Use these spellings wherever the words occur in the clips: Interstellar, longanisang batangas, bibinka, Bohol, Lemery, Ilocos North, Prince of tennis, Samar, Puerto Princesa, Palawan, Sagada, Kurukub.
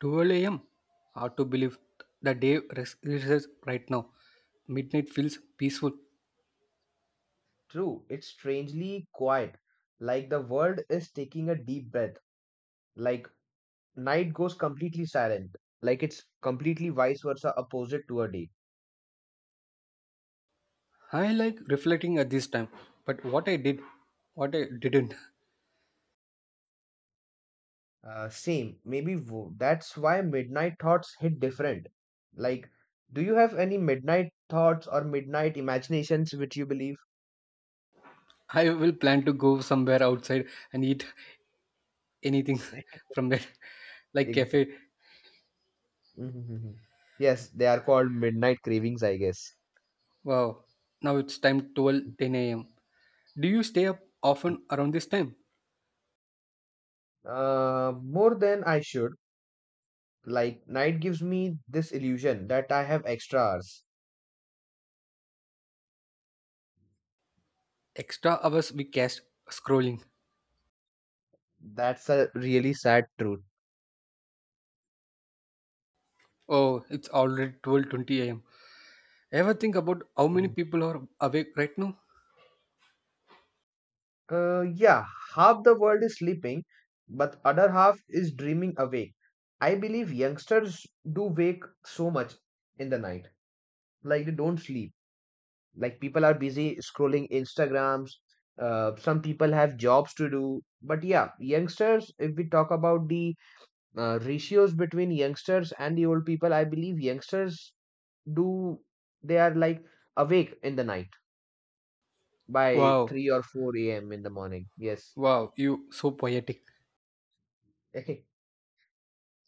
12 a.m. Hard to believe the day recess right now. Midnight feels peaceful. True, it's strangely quiet, like the world is taking a deep breath, like night goes completely silent, like it's completely vice versa opposite to a day. I like reflecting at this time, but what I did, what I didn't. Same, maybe that's why midnight thoughts hit different. Like, do you have any midnight thoughts or midnight imaginations which you believe? I will plan to go somewhere outside and eat anything from there, like Exactly. cafe. Mhm. Yes, they are called midnight cravings, I guess. Wow, now it's time 12:10 a.m. Do you stay up often around this time? More than I should. Like, night gives me this illusion that I have extra hours. Extra hours we cast scrolling. That's a really sad truth. Oh, it's already 12:20 a.m. Ever think about how many Mhm. people are awake right now? Yeah, half the world is sleeping, but other half is dreaming awake. I believe youngsters do wake so much in the night, like they don't sleep. Like people are busy scrolling Instagrams. Some people have jobs to do, but yeah, youngsters. If we talk about the ratios between youngsters and the old people, I believe youngsters do they are like awake in the night by Wow, 3 or 4 a.m. in the morning. Yes. wow, you so poetic.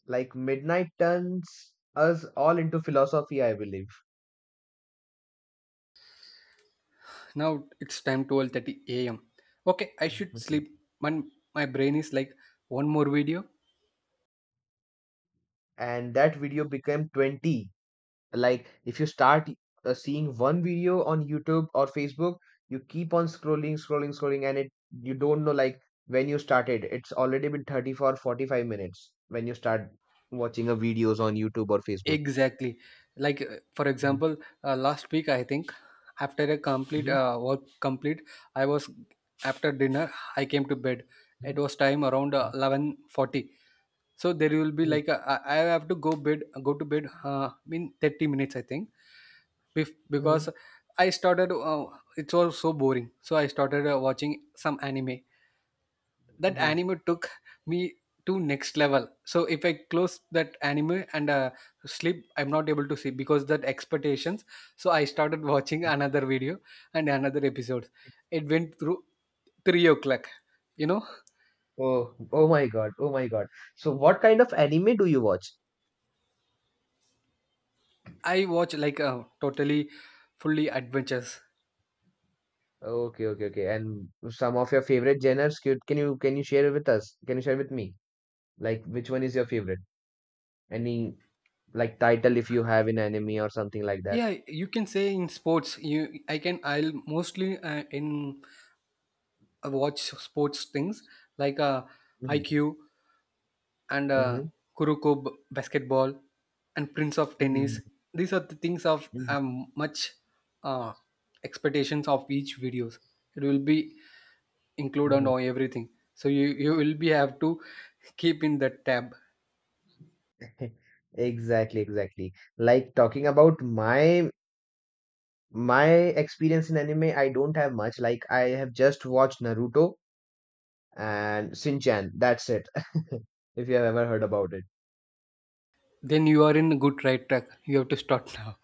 Like midnight turns us all into philosophy, I believe. Now it's time 12:30 a.m. Okay, I should sleep. Mhm. My, my brain is like one more video. And that video became 20. Like if you start seeing one video on YouTube or Facebook, you keep on scrolling, scrolling, scrolling, and it you don't know like when you started. It's already been 30 for 45 minutes when you start watching a videos on YouTube or Facebook. Exactly. Like for Mhm. example, last week I think after a complete Mhm. Work complete, I was after dinner I came to bed. It was time around 11:40. So there will be Mhm. like a, I have to go to bed in 30 minutes I think. Mhm. Because I started. It was so boring, so I started watching some anime. That Mhm. anime took me to next level. So if I close that anime and sleep, I'm not able to sleep because that expectations. So I started watching another video and another episodes. It went through 3 o'clock. You know, Oh, oh my God. Oh my God. So what kind of anime do you watch? I watch like totally, fully adventures. Okay, okay, okay. And some of your favorite genres, can you share with us? Can you share with me? Like which one is your favorite? Any like title if you have in anime or something like that? Yeah, you can say in sports. You i can i'll mostly in I watch sports things like IQ and Mm-hmm. Kurukub basketball and Prince of Mm-hmm. Tennis. These are the things of Hmm. Much uh, expectations of each videos. It will be included Hmm. on everything. So you will be have to keep in that tab. Exactly, exactly. Like talking about my experience in anime, I don't have much. Like I have just watched Naruto and Shinchan. That's it. If you have ever heard about it. Then you are in good right track. You have to start now.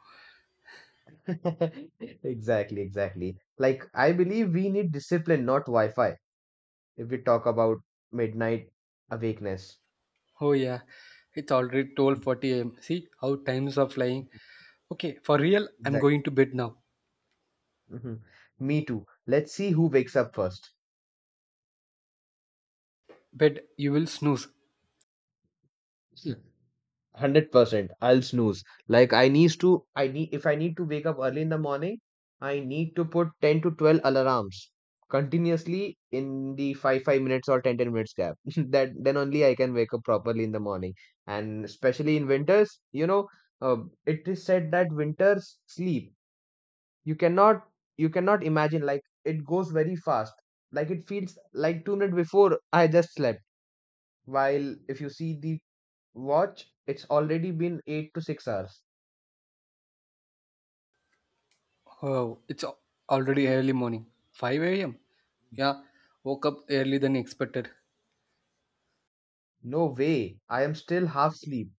Exactly, exactly. Like, I believe we need discipline, not Wi-Fi, if we talk about midnight awakeness. Oh yeah, it's already 12:40 a.m. See how times are flying. Okay, for real, I'm Exactly. going to bed now. Mhm. Me too. Let's see who wakes up first. Bed, you will snooze. 100% I'll snooze. Like, I need to I need if I need to wake up early in the morning, I need to put 10 to 12 alarms continuously in the 5 minutes or ten minutes gap. That, then only I can wake up properly in the morning. And especially in winters, uh, it is said that winters sleep. You cannot you cannot imagine like it goes very fast. Like it feels like 2 minutes before I just slept, while if you see the watch, it's already been 8 to 6 hours. Oh, it's already early morning. 5 a.m. Yeah, woke up early than expected. No way, I am still half asleep.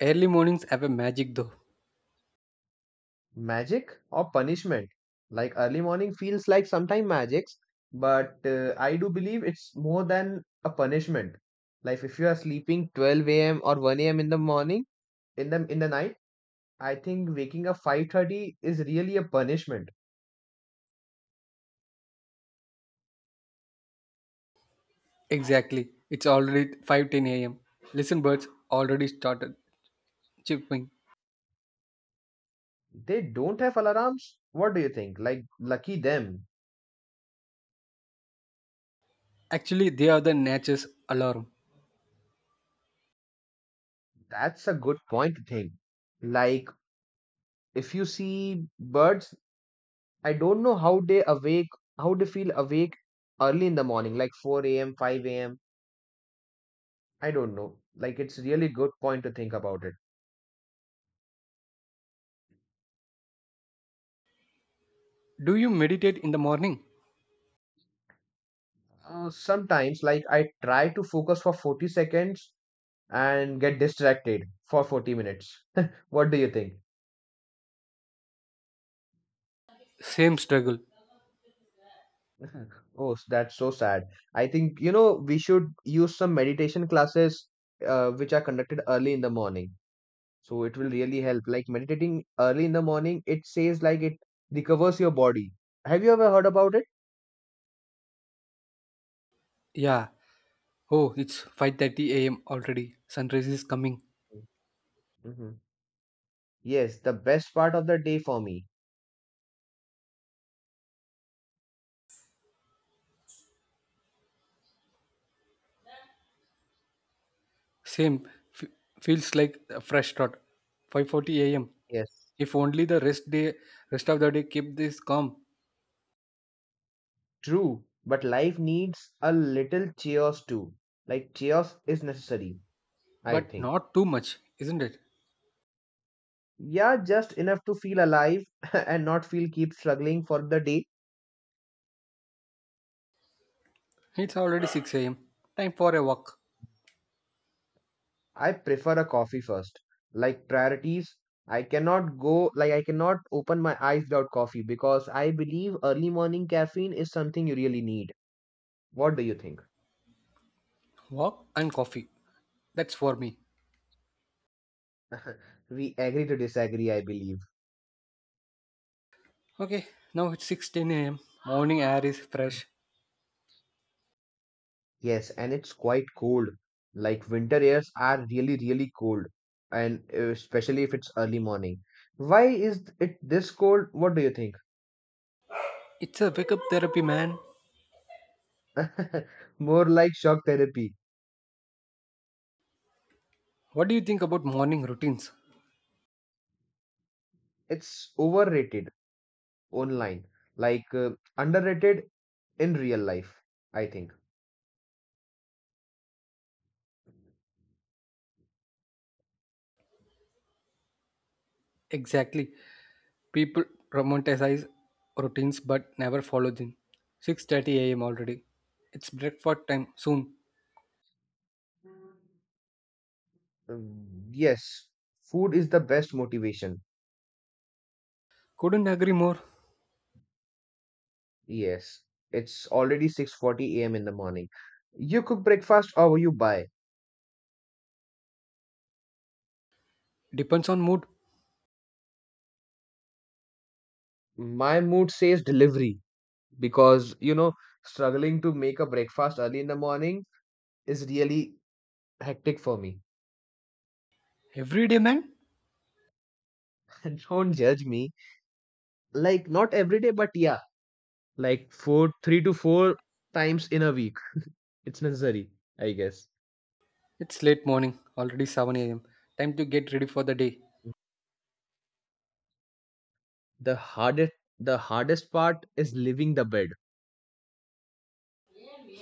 Early mornings have a magic though. Magic or punishment? Like early morning feels like sometime magics, but I do believe it's more than a punishment. Like if you are sleeping 12 a.m. or 1 a.m. in the morning, in the night, I think waking up 5:30 is really a punishment. Exactly. It's already 5:10 a.m. Listen, birds already started chirping. They don't have alarms. What do you think? Like, lucky them. Actually, they are the nature's alarm. That's a good point to think. Like, if you see birds, I don't know how they awake, how they feel awake early in the morning like 4 a.m. 5 a.m., I don't know. Like, it's really good point to think about it. Do you meditate in the morning? Sometimes, like, I try to focus for 40 seconds and get distracted for 40 minutes. What do you think? Same struggle. Oh, that's so sad. I think, we should use some meditation classes, which are conducted early in the morning. So it will really help. Like meditating early in the morning, it says like it recovers your body. Have you ever heard about it? Yeah. Oh, it's 5:30 a.m. already. Sunrise is coming. Hmm. Yes, the best part of the day for me. Same. F- Feels like a fresh start. 5:40 a.m. Yes, If only the rest of the day keep this calm. true. But life needs a little chaos too. Like chaos is necessary, I But think. not too much, isn't it? Yeah, just enough to feel alive and not feel keep struggling for the day. It's already 6 am. Time for a walk. I prefer a coffee first. Like priorities, I cannot go, like, I cannot open my eyes without coffee because I believe early morning caffeine is something you really need. What do you think? Walk and coffee. That's for me. We agree to disagree, I believe. Okay, now it's 6:10 a.m. Morning air is fresh. Yes, and it's quite cold. Like, winter airs are really, really cold, and especially if it's early morning. Why is it this cold? What do you think? It's a wake up therapy, man. More like shock therapy. What do you think about morning routines? It's overrated online. Like, underrated in real life, I think. Exactly. People romanticize routines but never follow them. 6:30 a.m. already. It's breakfast time soon. Yes, food is the best motivation. Couldn't agree more. Yes, it's already 6:40 a.m. in the morning. You cook breakfast or you buy? Depends on mood. My mood says delivery because, struggling to make a breakfast early in the morning is really hectic for me. Every day, man. Don't judge me. Like, not every day, but yeah, like four, 3 to 4 times in a week. It's necessary, I guess. It's late morning, already 7 am. Time to get ready for the day. The hardest the hardest part is leaving the bed.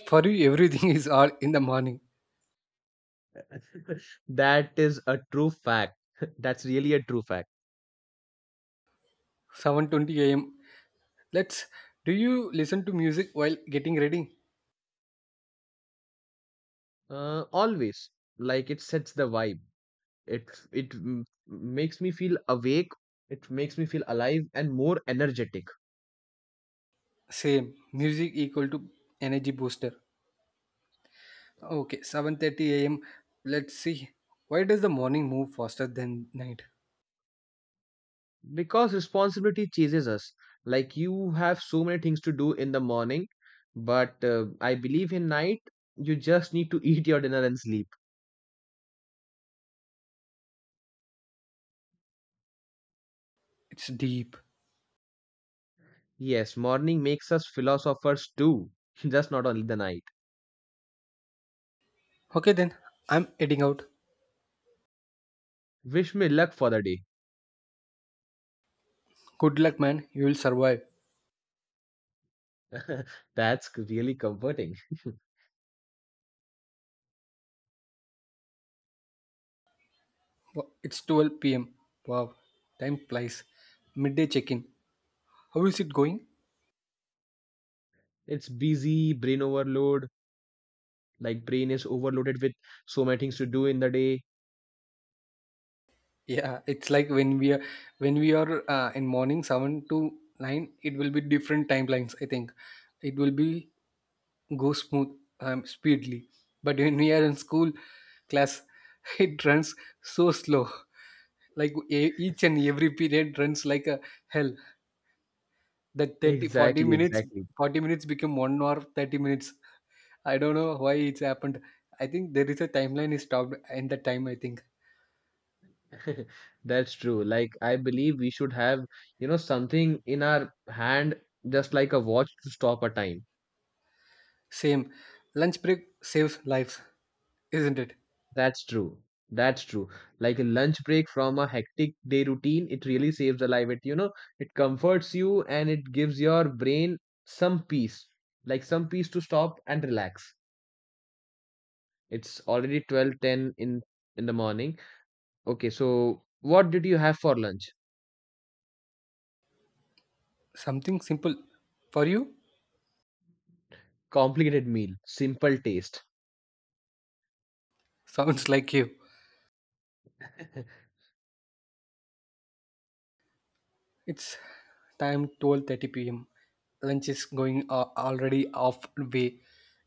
For you, everything is all in the morning, That is a true fact. That's really a true fact. 7:20 a.m. Let's. Do you listen to music while getting ready? Always, like it sets the vibe. It makes me feel awake. It makes me feel alive and more energetic Same. Music equal to energy booster. Okay, 7:30 a.m. Let's see. Why does the morning move faster than night? because responsibility chases us. Like you have so many things to do in the morning, but I believe in night you just need to eat your dinner and sleep. It's deep. Yes, morning makes us philosophers too, just not only the night. Okay then, I'm heading out. Wish me luck for the day. Good luck, man. You will survive. That's really comforting. It's 12 p.m. Wow, time flies. Midday check-in. How is it going? It's busy, brain overload, like brain is overloaded with so many things to do in the day. Yeah, it's like when we are in morning seven to nine, it will be different timelines. I think it will be go smooth speedily, but when we are in school class, it runs so slow. Like each and every period runs like a hell. That thirty forty Exactly, minutes, exactly. 40 minutes become 1 hour, 30 minutes. I don't know why it's happened. I think there is a timeline is stopped and the time. I think That's true. Like I believe we should have, something in our hand, just like a watch to stop a time. same lunch break saves lives. Isn't it? That's true. That's true. Like a lunch break from a hectic day routine, it really saves a life. It comforts you and it gives your brain some peace, like some peace to stop and relax. It's already 12:10 in the morning. Okay, so what did you have for lunch? Something simple for you? Complicated meal, simple taste. Sounds like you. It's time 12:30 p.m. Lunch is going already off way.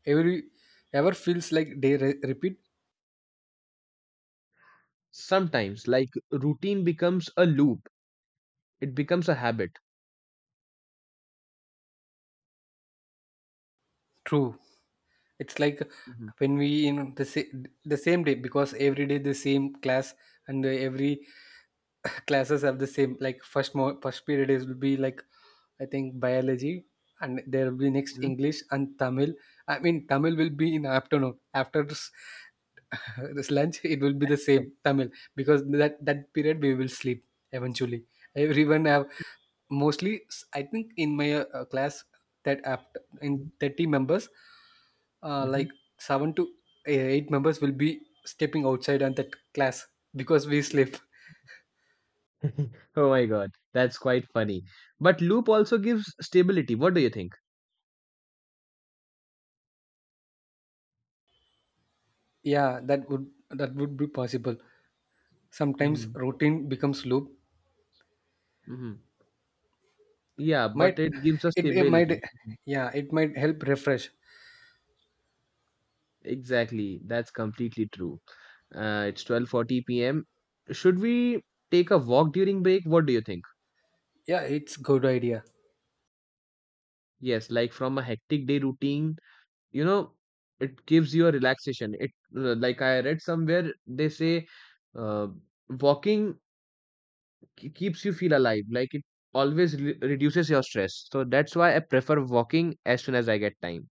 Every Ever feels like day repeat. Sometimes, like routine becomes a loop. It becomes a habit. True. It's like Mhm. when we in the the same day because every day the same class and every classes have the same like first first period is will be like I think biology and there will be next Mhm. English and Tamil. I mean Tamil will be in afternoon after this, this lunch it will be the same Tamil because that period we will sleep eventually. Everyone have mostly I think in my class that after in Mhm. 30 members Mhm. like seven to eight members will be stepping outside on that class because we sleep. Oh my God, that's quite funny. But loop also gives stability. What do you think? Yeah, that would be possible. Sometimes Hmm. routine becomes loop. Hmm. Yeah, Might but it gives us it, it might stability. yeah, it might help refresh. Exactly, that's completely true. It's 12:40 p.m. Should we take a walk during break? What do you think? Yeah, it's good idea. Yes, like from a hectic day routine, you know, it gives you a relaxation. It, like I read somewhere they say, uh, walking keeps you feel alive. Like it always re reduces your stress. So that's why I prefer walking as soon as I get time.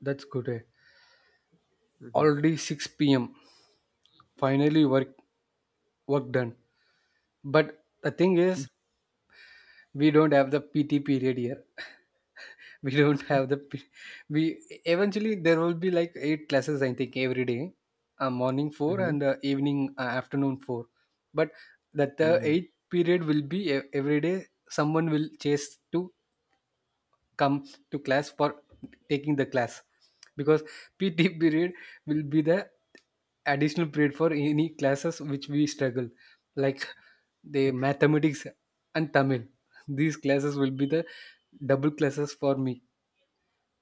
That's good. Eh. Mm-hmm. Already 6 p.m. Finally work done. But the thing is we don't have the PT period here. We don't have the p- we eventually there will be like eight classes I think every day, morning four Mm-hmm. and evening afternoon four. But that the Mm-hmm. eighth period will be every day someone will chase to come to class for taking the class because PT period will be the additional period for any classes which we struggle, like the mathematics and Tamil. These classes will be the double classes for me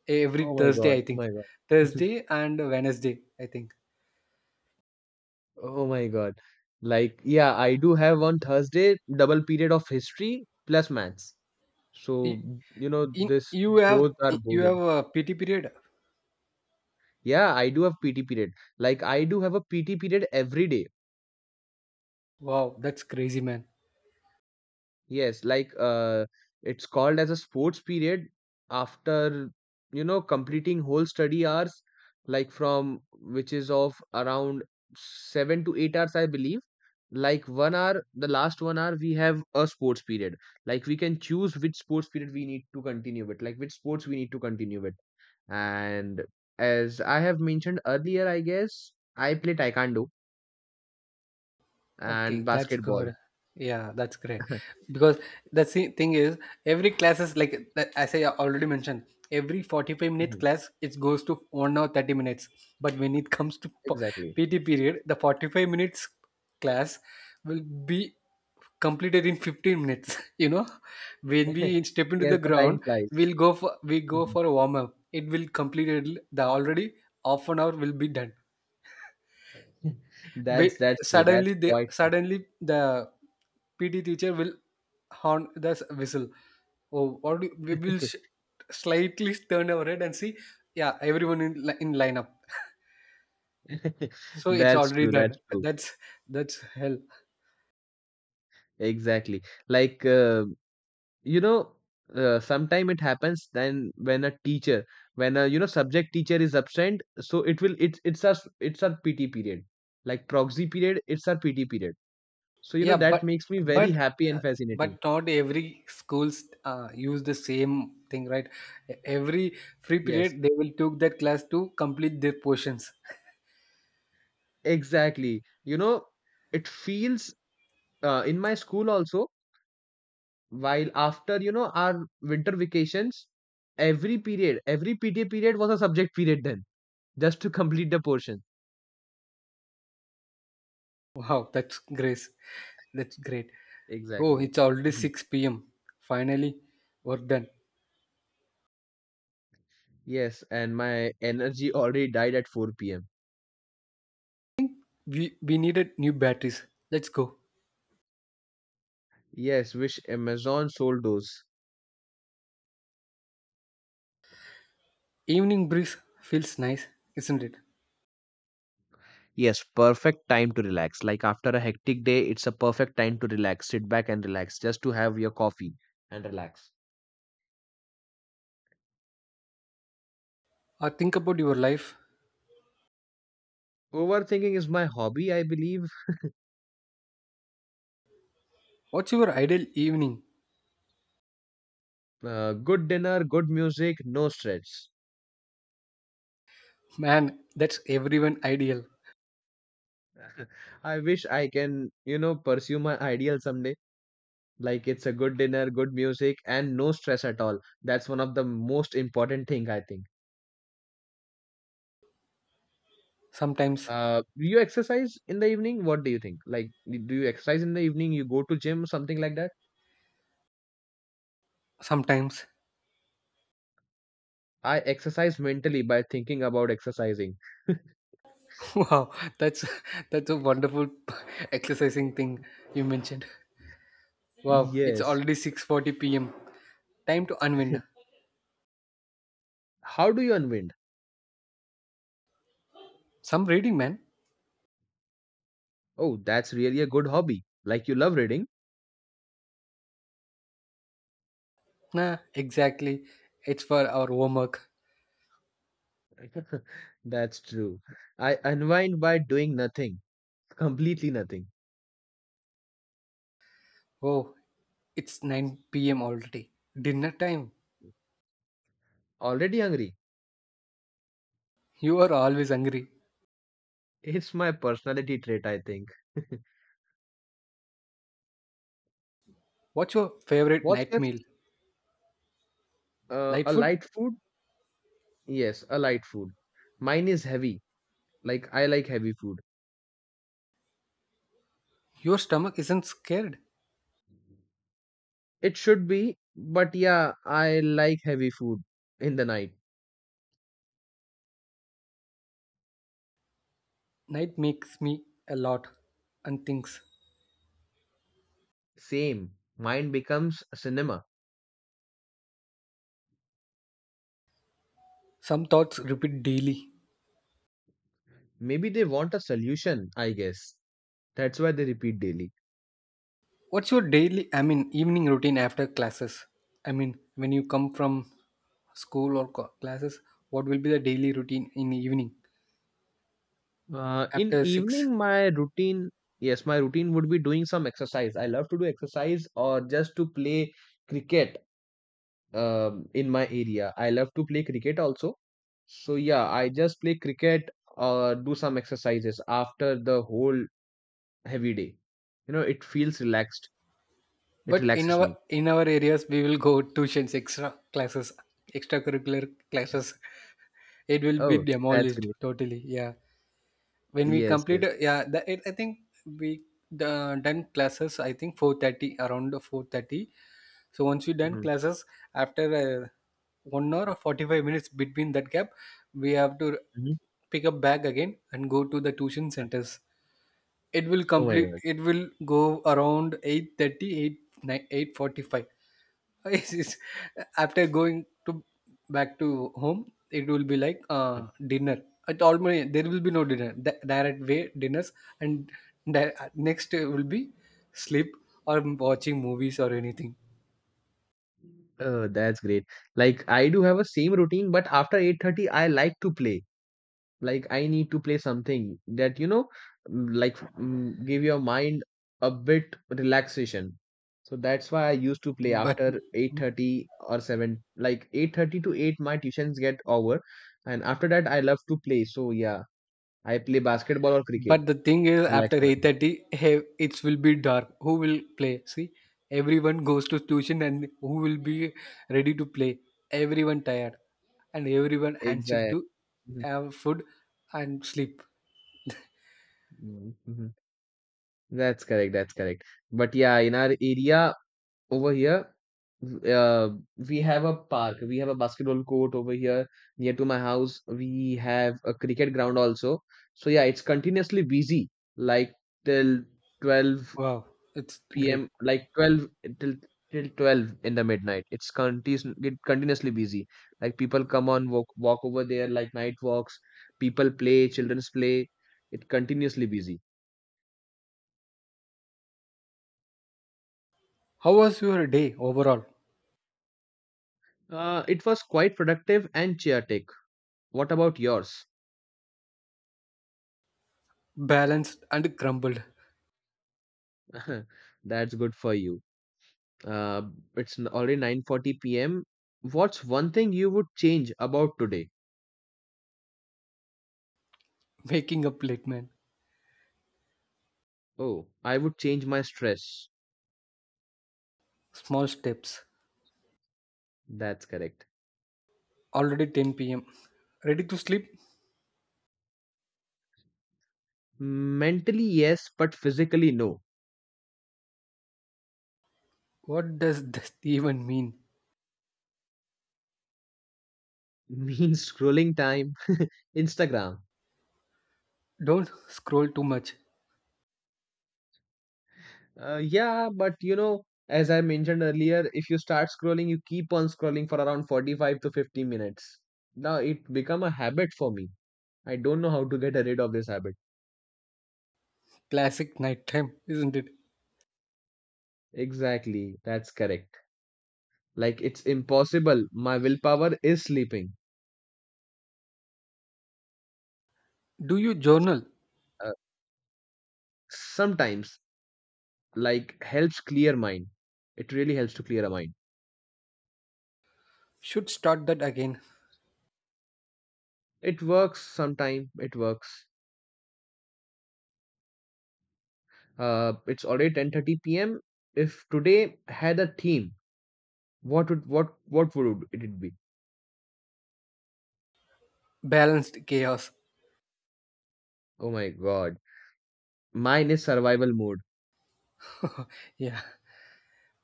every Oh my Thursday, God. I Oh think. my God. Thursday and Wednesday, I think. Oh my God. Like, yeah, I do have on Thursday double period of history plus maths. So, Y- In this both are you have boring. a PT period. Yeah, I do have PT period. Like, I do have a PT period every day. Wow, that's crazy, man. Yes, like, it's called as a sports period after completing whole study hours, like from which is of around 7 to 8 hours, I believe. Like 1 hour, the last 1 hour, we have a sports period. Like we can choose which sports period we need to continue with, like which sports we need to continue with. And as I have mentioned earlier, I guess I play taekwondo Okay, and that's basketball. good. Yeah, that's great. Because the thing is, every class is like as I already mentioned, every 45 minutes Mhm. class it goes to 1 hour 30 minutes. But when it comes to Exactly. PT period, the 45 minutes class will be completed in 15 minutes. You know, when we step into the Yes, the time ground, flies. We go Mhm. for a warm up. It will completed the already half an hour will be done. That's Wait, that's true. That's quite suddenly the PT teacher will horn the whistle. Oh, what do, we will slightly turn our head and see. Yeah, everyone in lineup. So it's That's already true. That's done. true. That's hell. Exactly. Like, you know, sometime it happens then when a teacher, when a subject teacher is absent, so it's our PT period. Like proxy period, it's our PT period. So Yeah, that makes me very but happy uh, and fascinating. but not every schools use the same thing, right? Every free Yes, period they will take that class to complete their portions. exactly. It feels, in my school also. While after, our winter vacations, every period, every PTA period was a subject period then, just to complete the portion. Wow, that's grace. That's great. Oh, Exactly. it's already Mhm. 6 p.m. Finally, we're done. Yes, and my energy already died at 4 p.m. We needed new batteries. Let's go. Yes, wish Amazon sold those. Evening breeze feels nice, isn't it? Yes, perfect time to relax. Like after a hectic day, it's a perfect time to relax. Sit back and relax, just to have your coffee and relax. Or think about your life. Overthinking is my hobby, I believe. What's your ideal evening? Good dinner, good music, no stress. Man, that's everyone ideal. I wish I can, pursue my ideal someday. Like it's a good dinner, good music, and no stress at all. That's one of the most important thing I think. Sometimes, Do you exercise in the evening? What do you think? Like, do you exercise in the evening? You go to gym, something like that? sometimes. I exercise mentally by thinking about exercising. Wow, that's that's a wonderful exercising thing you mentioned. Wow, it's Yes. already 6:40 p.m. Time to unwind. How do you unwind? Some reading, man. Oh, that's really a good hobby. Like you love reading. Nah, exactly. It's for our homework. That's true. I unwind by doing nothing, completely nothing. Oh, it's 9 p.m. already. Dinner time. Already hungry? You are always hungry. It's my personality trait, I think. What's your favorite What's night your meal? Light a food? light food? Yes, a light food. Mine is heavy. Like I like heavy food. Your stomach isn't scared. It should be, but yeah, I like heavy food in the night. Night makes me a lot and thinks. Same. Mine becomes cinema. Some thoughts repeat daily. Maybe they want a solution, I guess. That's why they repeat daily. What's your daily, I mean, evening routine after classes? I mean, when you come from school or classes, what will be the daily routine in the evening In after 6? evening, my routine, yes, my routine would be doing some exercise. I love to do exercise or just to play cricket in my area. I love to play cricket also. So yeah, I just play cricket, do some exercises after the whole heavy day. You know, it feels relaxed. It But in relaxes our me. in our areas, we will go tuitions, extra classes, extracurricular classes. It will be Oh, that's demolished great. totally. Yeah, when we Yes, complete yes. Yeah, the, it, I think we the, done classes I think 4:30, around 4:30. So once we done Hmm. classes after uh, 1 hour or 45 minutes between that gap, we have to Hmm. pick up bag again and go to the tuition centers. It will Oh my complete, God. it will go around 8:30, 8:45. Yes, yes. After going to back to home, it will be like dinner. At almost there will be no dinner. Direct way dinners, and next will be sleep or watching movies or anything. Oh, that's great. Like I do have a same routine, but after 8:30, I like to play. Like I need to play something that, like, give your mind a bit relaxation. So that's why I used to play but after 8:30 or 7, like 8:30 to 8, my tuitions get over. And after that, I love to play, so yeah, I play basketball or cricket, but the thing is relax after my mind. 8:30, hey, it will be dark. Who will play? See, everyone goes to tuition and who will be ready to play, everyone tired and everyone anxious Exactly. to Mhm. have food and sleep. Mhm. Mhm. That's correct. That's correct. But yeah, in our area, over here, uh, we have a park, we have a basketball court over here near to my house, we have a cricket ground also. So yeah, it's continuously busy like till 12 Wow, it's great. p.m., like 12, till till 12 in the midnight. It's continu- It continuously busy. Like people come on walk over there, like night walks, people play, children's play, it continuously busy. How was your day overall? It was quite productive and chaotic. What about yours? Balanced and crumbled. That's good for you. Uh, it's already 9:40 p.m. What's one thing you would change about today? Waking up late, man. Oh, I would change my stress. Small steps. That's correct. Already 10 pm. Ready to sleep? Mentally, yes, but physically, no. What does this even mean? Means scrolling time, Instagram. Don't scroll too much. Yeah, but as I mentioned earlier, if you start scrolling, you keep on scrolling for around 45 to 50 minutes. Now it become a habit for me. I don't know how to get rid of this habit. Classic nighttime, isn't it? Exactly, that's correct. Like it's impossible. My willpower is sleeping. Do you journal? Uh, Sometimes, like helps clear mind. It really helps to clear a mind. Should start that again. It works sometime. It works. It's already 10:30 p.m. If today had a theme, what would it be? Balanced chaos. Oh my God. Mine is survival mode. Yeah.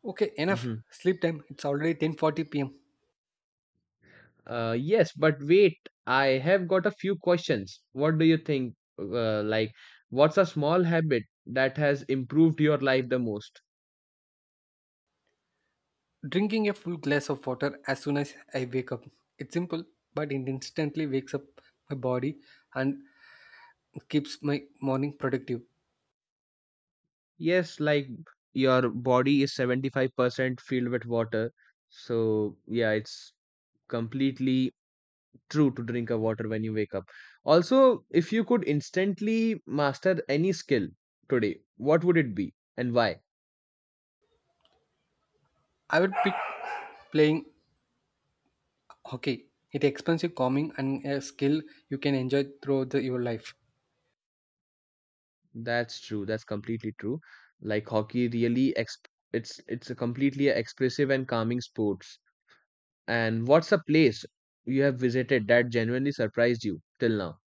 Okay, enough. Hmm. Sleep time. It's already 10:40 p.m. Yes, but wait. I have got a few questions. What do you think? Like, what's a small habit that has improved your life the most? Drinking a full glass of water as soon as I wake up. It's simple, but it instantly wakes up my body and keeps my morning productive. Yes, like your body is 75% filled with water. So, yeah, it's completely true to drink a water when you wake up. Also, if you could instantly master any skill today, what would it be and why? I would pick playing hockey. It expensive, calming, and a skill you can enjoy throughout your life. That's true. That's completely true. Like hockey really exp it's a completely expressive and calming sports. And what's a place you have visited that genuinely surprised you till now?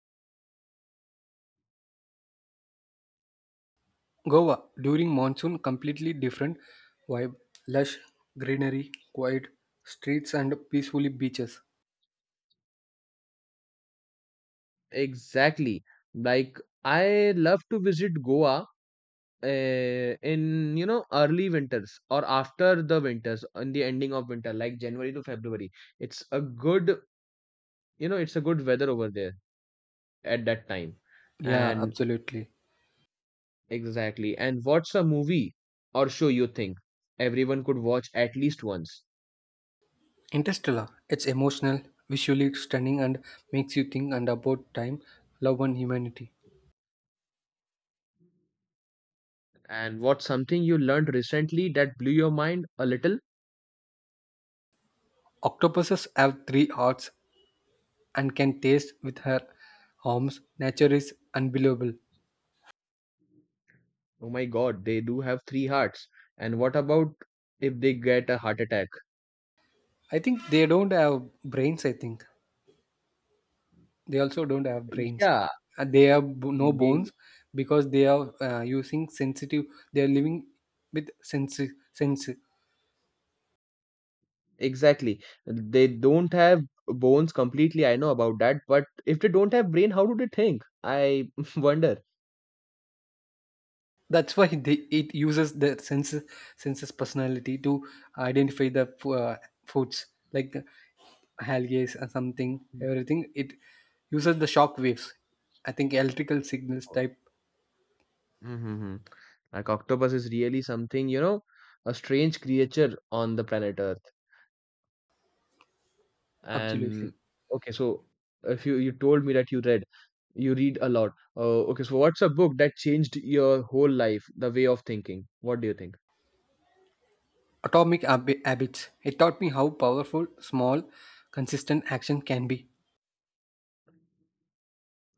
Goa during monsoon, completely different vibe. Lush greenery, quiet streets, and peacefully beaches. Exactly. Like I love to visit Goa, in early winters or after the winters in the ending of winter, like January to February. It's a good it's a good weather over there at that time. Yeah, And absolutely. exactly. And what's a movie or show you think everyone could watch at least once? Interstellar. It's emotional, visually stunning, and makes you think and about time, love, and humanity. And what's something you learned recently that blew your mind a little? Octopuses have three hearts and can taste with her arms. Nature is unbelievable. Oh my God, they do have three hearts. And what about if they get a heart attack? I think they don't have brains. I think they also don't have brains. Yeah, They have no they. bones because they are using sensitive. They are living with sense. Exactly. They don't have bones completely. I know about that, but if they don't have brain, how do they think? I wonder. That's why they, it uses the senses personality to identify the foods like algae or something. Everything it uses the shock waves, I think, electrical signals type. Mm-hmm. Like octopus is really something, a strange creature on the planet Earth. Absolutely. And okay, so if you told me that you read a lot. Okay, so what's a book that changed your whole life, the way of thinking? What do you think? Atomic habits, it taught me how powerful small consistent action can be.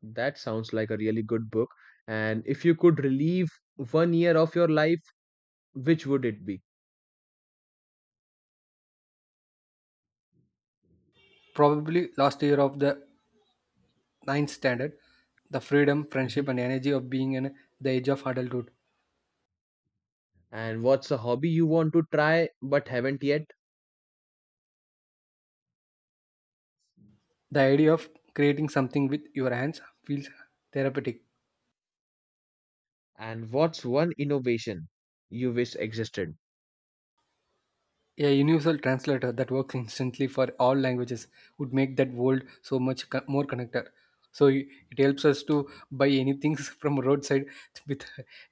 That sounds like a really good book. And if you could relieve one year of your life, which would it be? Probably last year of the ninth standard, the freedom Mhm. friendship and energy of being in the age of adulthood. And what's a hobby you want to try but haven't yet? The idea of creating something with your hands feels therapeutic. And what's one innovation you wish existed? A universal translator that works instantly for all languages would make that world so much more connected. So it helps us to buy anything from roadside with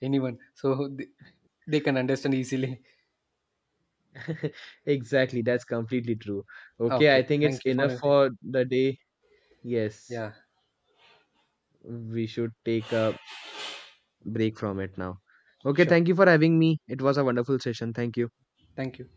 anyone, so they can understand easily. Exactly, that's completely true. Okay, I Okay, think it's thank you for enough everything. for the day. Yes, Yeah, we should take a break from it now. Okay, sure. thank you for having me. It was a wonderful session. Thank you. Thank you.